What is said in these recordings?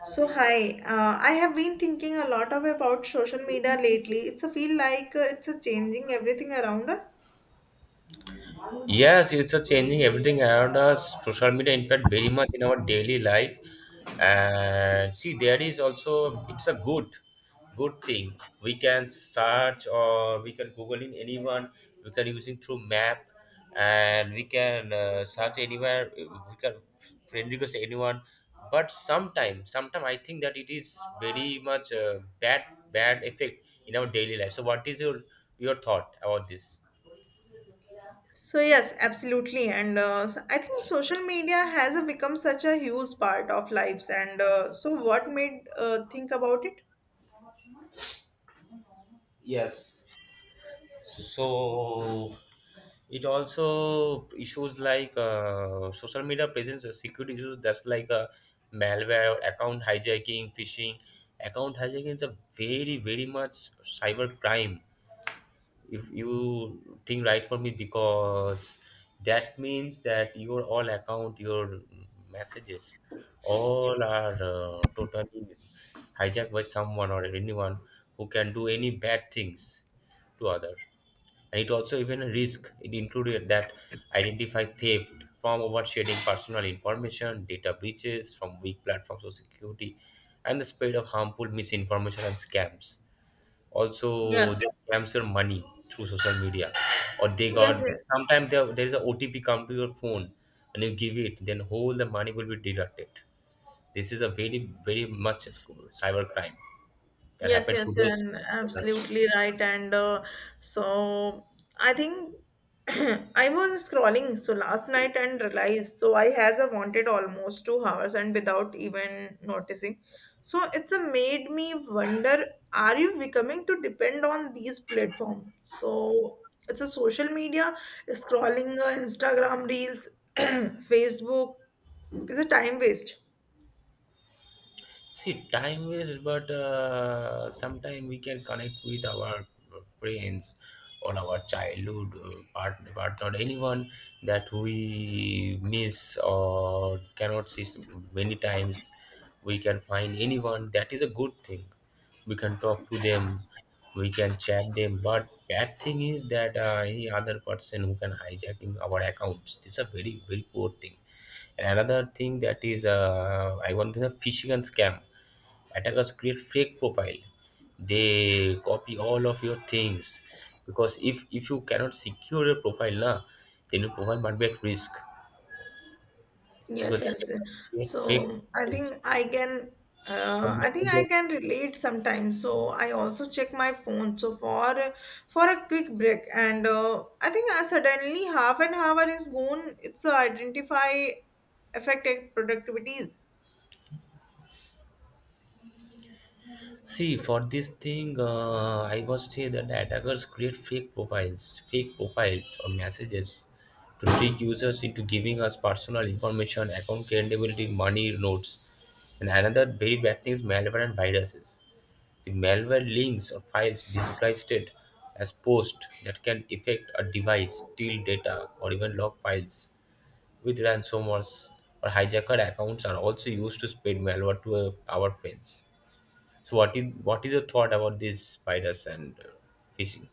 So hi, I have been thinking a lot of about social media lately. It's a feel like it's a changing everything around us. Yes, it's a changing everything around us. Social media, in fact, very much in our daily life. And see, there is also it's a good, good thing. We can search or we can Google in anyone. We can using through map, and we can search anywhere. We can friend request anyone. But sometime I think that it is very much bad, bad effect in our daily life. So, what is your thought about this? So yes, absolutely, and I think social media has become such a huge part of lives. And so, what made think about it? Yes. So it also issues like social media presents a security issues that's like a malware account hijacking phishing. Account hijacking is a very much cyber crime, if you think right for me, because that means that your all account, your messages, all are totally hijacked by someone or anyone who can do any bad things to other. And it also even risk it included that identify theft from oversharing personal information, data breaches from weak platforms of security, and the spread of harmful misinformation and scams. Also Yes. they scams your money through social media, or they Yes, got yes. sometimes there is a otp come to your phone, and you give it, then whole the money will be deducted. This is a very much cyber crime that Yes, happened to yes, this and generation. absolutely right. And so I think I was scrolling so last night and realized so I has a wanted almost 2 hours and without even noticing. So it's a made me wonder, are you becoming to depend on these platforms? So it's a social media, scrolling Instagram reels, Facebook is a time waste. See, time waste, but sometimes we can connect with our friends, or our childhood partner, anyone that we miss or cannot see many times. We can find anyone. That is a good thing. We can talk to them. We can chat them. But bad thing is that any other person who can hijacking our accounts. This is a very very poor thing. And another thing that is, I want to say, phishing and scam attackers create fake profile, they copy all of your things, because if you cannot secure your profile na, then your profile might be at risk, because Yes, yes, yes. attackers create fake So I profiles think I can, or I think I messages. can relate sometimes. So I also check my phone. So for a quick break, and I think I suddenly half an hour is gone. It's identify affected productivities. See, for this thing, I would say that attackers create fake profiles or messages to trick users into giving us personal information, account credibility, money, notes. And another very bad thing is malware and viruses. The malware links or files disguised it as post that can affect a device, steal data, or even log files. With ransomers or hijacker accounts are also used to spread malware to our friends. So what is your thought about these spiders and fishing?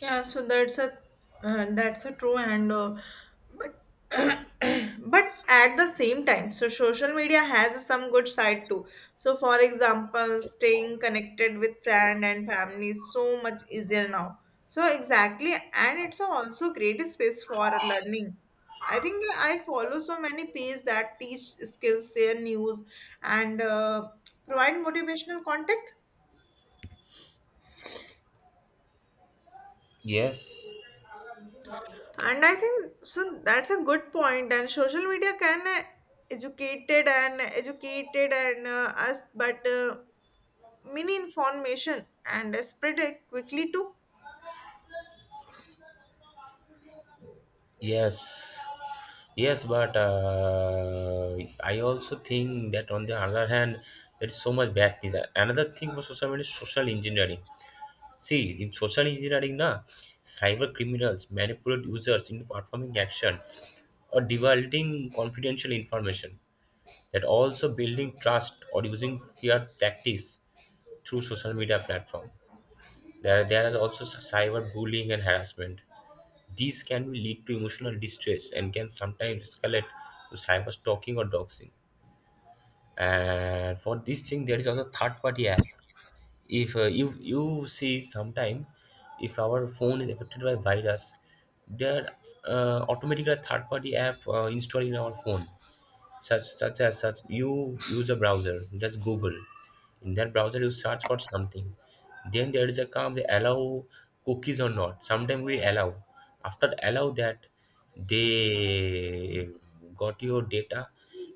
Yeah, so that's a true and but but at the same time, so social media has some good side too. So for example, staying connected with friend and family is so much easier now. So exactly, and it's also great space for learning. I think I follow so many pages that teach skills, share news, and provide motivational content. Yes. And I think so that's a good point. And social media can educated and us, but many information and spread it quickly to. Yes, yes, but I also think that on the other hand, there is so much bad things. Another thing for social media is social engineering. See, in social engineering, na, cyber criminals manipulate users into performing action or divulging confidential information. That also building trust or using fear tactics through social media platform. There is also cyber bullying and harassment. These can lead to emotional distress and can sometimes escalate to cyber stalking or doxing. And for this thing, there is also third party app. If you see sometime, if our phone is affected by virus, there automatically a third party app installed in our phone, such such as such you use a browser, just google, in that browser you search for something, then there is a come they allow cookies or not, sometimes we allow, after allow that they got your data,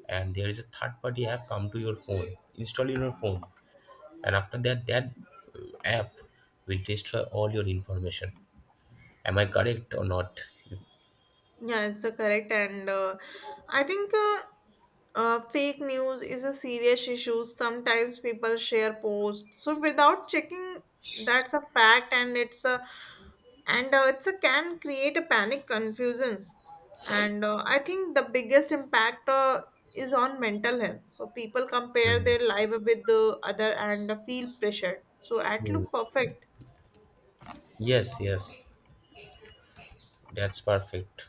and there is a third party app come to your phone, install in your phone, and after that that app will destroy all your information. Am I correct or not? Yeah, it's a correct, and I think fake news is a serious issue. Sometimes people share posts so without checking, that's a fact, and it's a can create a panic, confusions, and I think the biggest impact is on mental health. So people compare Hmm. their life with the other and feel pressured. So at Hmm. look perfect, Yes, yes, that's perfect.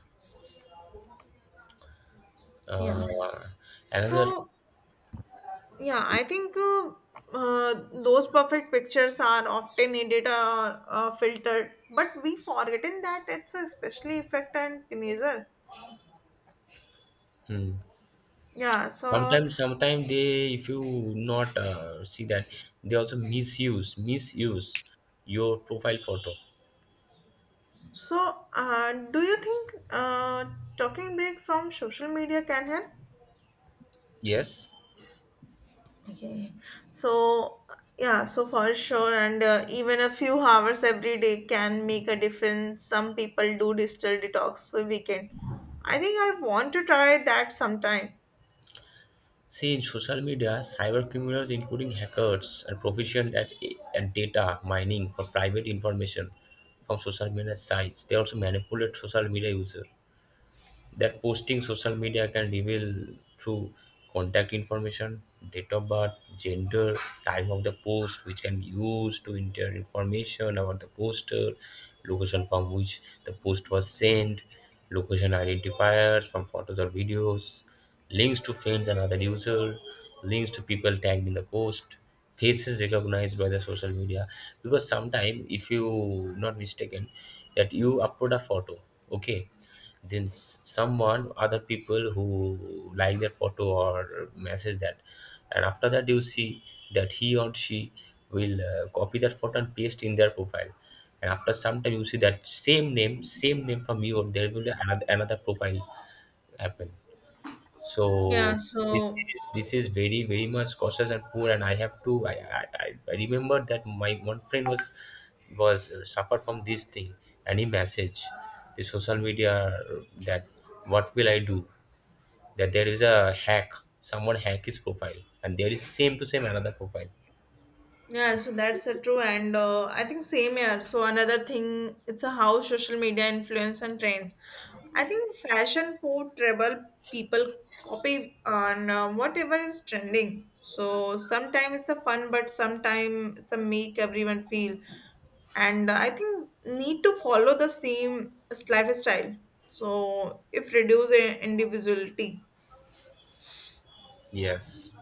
yeah. uh, Another So yeah, I think uh, those perfect pictures are often needed filtered, but we forgotten that it's a especially effect and teenager. Yeah, so sometimes they if you not see that, they also misuse your profile photo. so do you think talking break from social media can help? Yes. Okay, so yeah, so for sure, and even a few hours every day can make a difference. Some people do digital detox so weekend. I think I want to try that sometime. See, in social media cyber criminals including hackers are proficient at data mining for private information from social media sites. They also manipulate social media users, that posting social media can reveal through contact information, date of birth, gender, time of the post, which can be used to enter information about the poster, location from which the post was sent, location identifiers from photos or videos, links to friends and other users, links to people tagged in the post, faces recognized by the social media. Because sometimes, if you not mistaken, that you upload a photo, okay, then someone other people who like their photo or message that, and after that you see that he or she will copy that photo and paste in their profile, and after some time you see that same name from you, or there will be another profile happen. Yeah, So this so is very very much cautious and poor. And I have to I remember that my one friend was suffered from this thing, and he message the social media that, what will I do, that there is a hack, someone hack his profile, and there is same to same another profile. yeah, So, so that's a true, and I think same here. So another thing, it's a how social media influence and trends. I think fashion, food, travel, people copy on whatever is trending. So sometimes it's a fun, but sometimes it's a make everyone feel, and I think need to follow the lifestyle. So if reduce individuality. yes.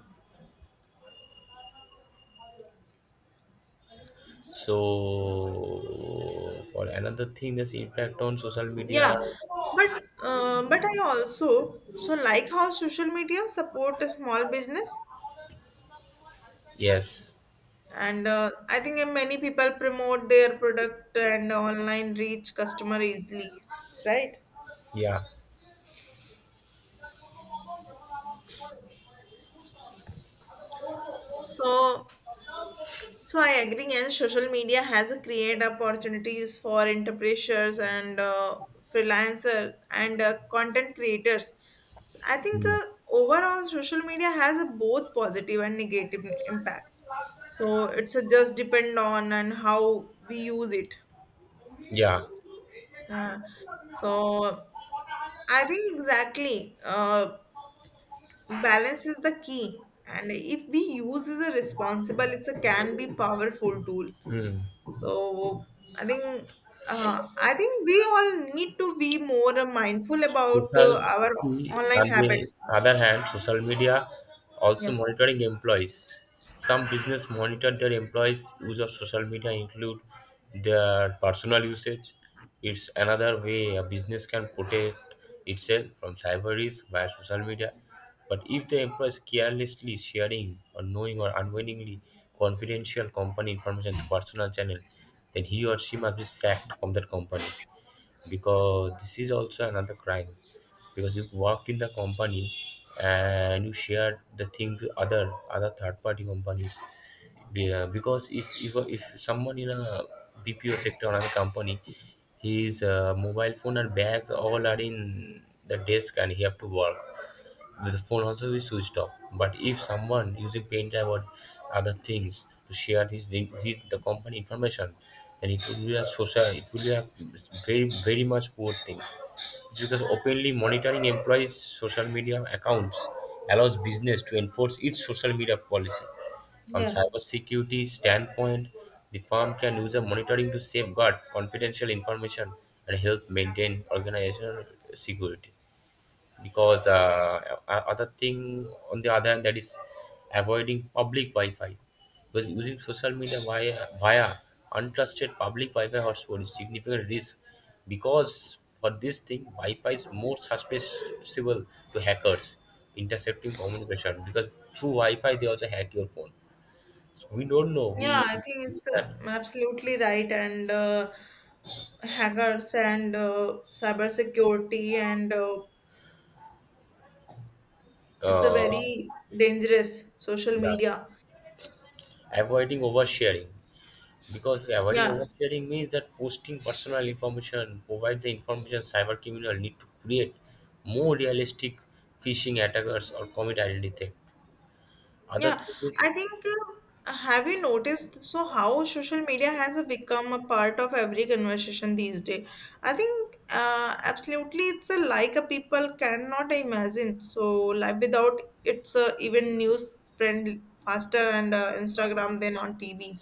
So for another thing, this impact on social Yeah, media. but but I also so like how social media support a small business, Yes. and I think many people promote their product and online reach customer easily, right? Yeah. So so I agree, and social media has created opportunities for entrepreneurs and freelancer and content creators. So I think Hmm. Overall, social media has a both positive and negative impact. So it's just depend on and how we use it. Yeah. Yeah. So I think exactly. Balance is the key, and if we use is a responsible, it's a can be powerful tool. Hmm. So I think I think we all need to be more mindful about Social, our see, online on the habits. other hand, social media also Yeah, monitoring employees. Some business monitor their employees' use of social media, include their personal usage. It's another way a business can protect itself from cyber risk via social media. But if the employee is carelessly sharing or knowing or unwillingly confidential company information to personal channel, then he or she must be sacked from that company, because this is also another crime, because you worked in the company and you shared the thing to other other third party companies. Because if someone in a bpo sector or another company, his mobile phone and bag all are in the desk, and he have to work, the phone also is switched off. But if someone using PenDrive or other things to share his the company information, then it will be a social. It will be a very very much poor thing. It's because openly monitoring employees' social media accounts allows business to enforce its social media policy. From yeah. cybersecurity standpoint, the firm can use a monitoring to safeguard confidential information and help maintain organizational security. Because other thing on the other hand, that is avoiding public Wi-Fi, because using social media via untrusted public Wi-Fi hotspot is significant risk, because for this thing Wi-Fi is more susceptible to hackers intercepting communication, because through Wi-Fi they also hack your phone. So we don't know we Yeah, I think it's that absolutely right. And hackers and cyber security and it's a uh, very dangerous social yeah, media. avoiding oversharing. Because avoiding Yeah, oversharing means that posting personal information provides the information cybercriminal need to create more realistic phishing attackers or commit identity theft. Other yeah, thing is, I think have you noticed so how social media has become a part of every conversation these days? I think absolutely it's a like a people cannot imagine. So like without it's even news spread faster and Instagram than on TV.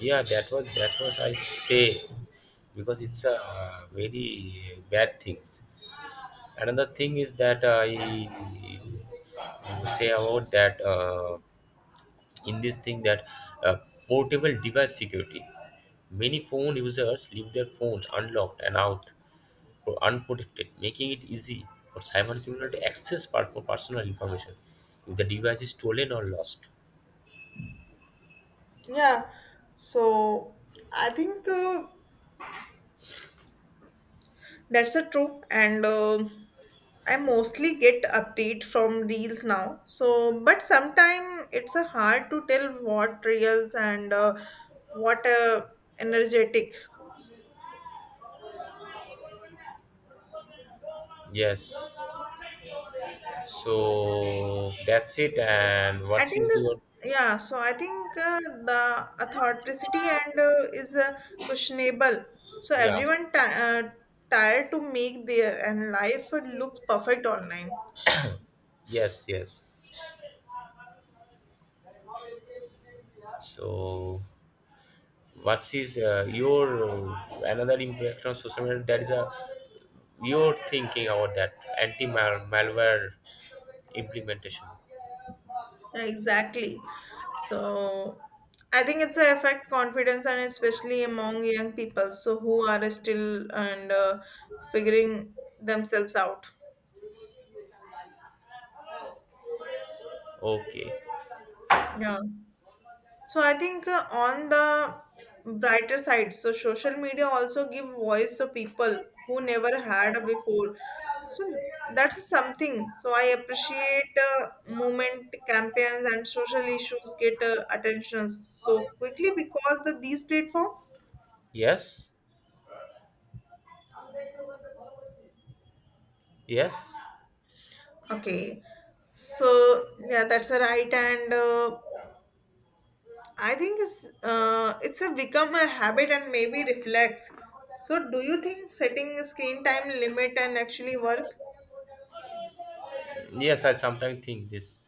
yeah, that was I say, because it's a very bad things. Another thing is that I say about that in this thing that uh, portable device security. Many phone users leave their phones unlocked and out unprotected, making it easy for cybercriminals to access for personal information if the device is stolen or lost. Yeah, so I think. That's a true, and I mostly get update from reels now. So, but sometime it's a hard to tell what reels and what energetic. Yes. So that's it. And I what think is that your yeah. So I think the authenticity and is questionable. So yeah? everyone ti uh, tired to make their and life look perfect online. Yes, yes. So what is your another impact on social media? That is a your thinking about that anti malware implementation. Exactly. So I think it's a affect confidence and especially among young people, so who are still and figuring themselves out. Okay. Yeah. So I think on the brighter side, so social media also give voice to people who never had a before. So that's something. So I appreciate movement campaigns and social issues get attention so quickly because the these platform. Yes. Yes. Okay, so yeah, that's a right, and I think it's a become a habit and maybe reflex. So, do you think setting a screen time limit and actually work? Yes, I sometimes think this.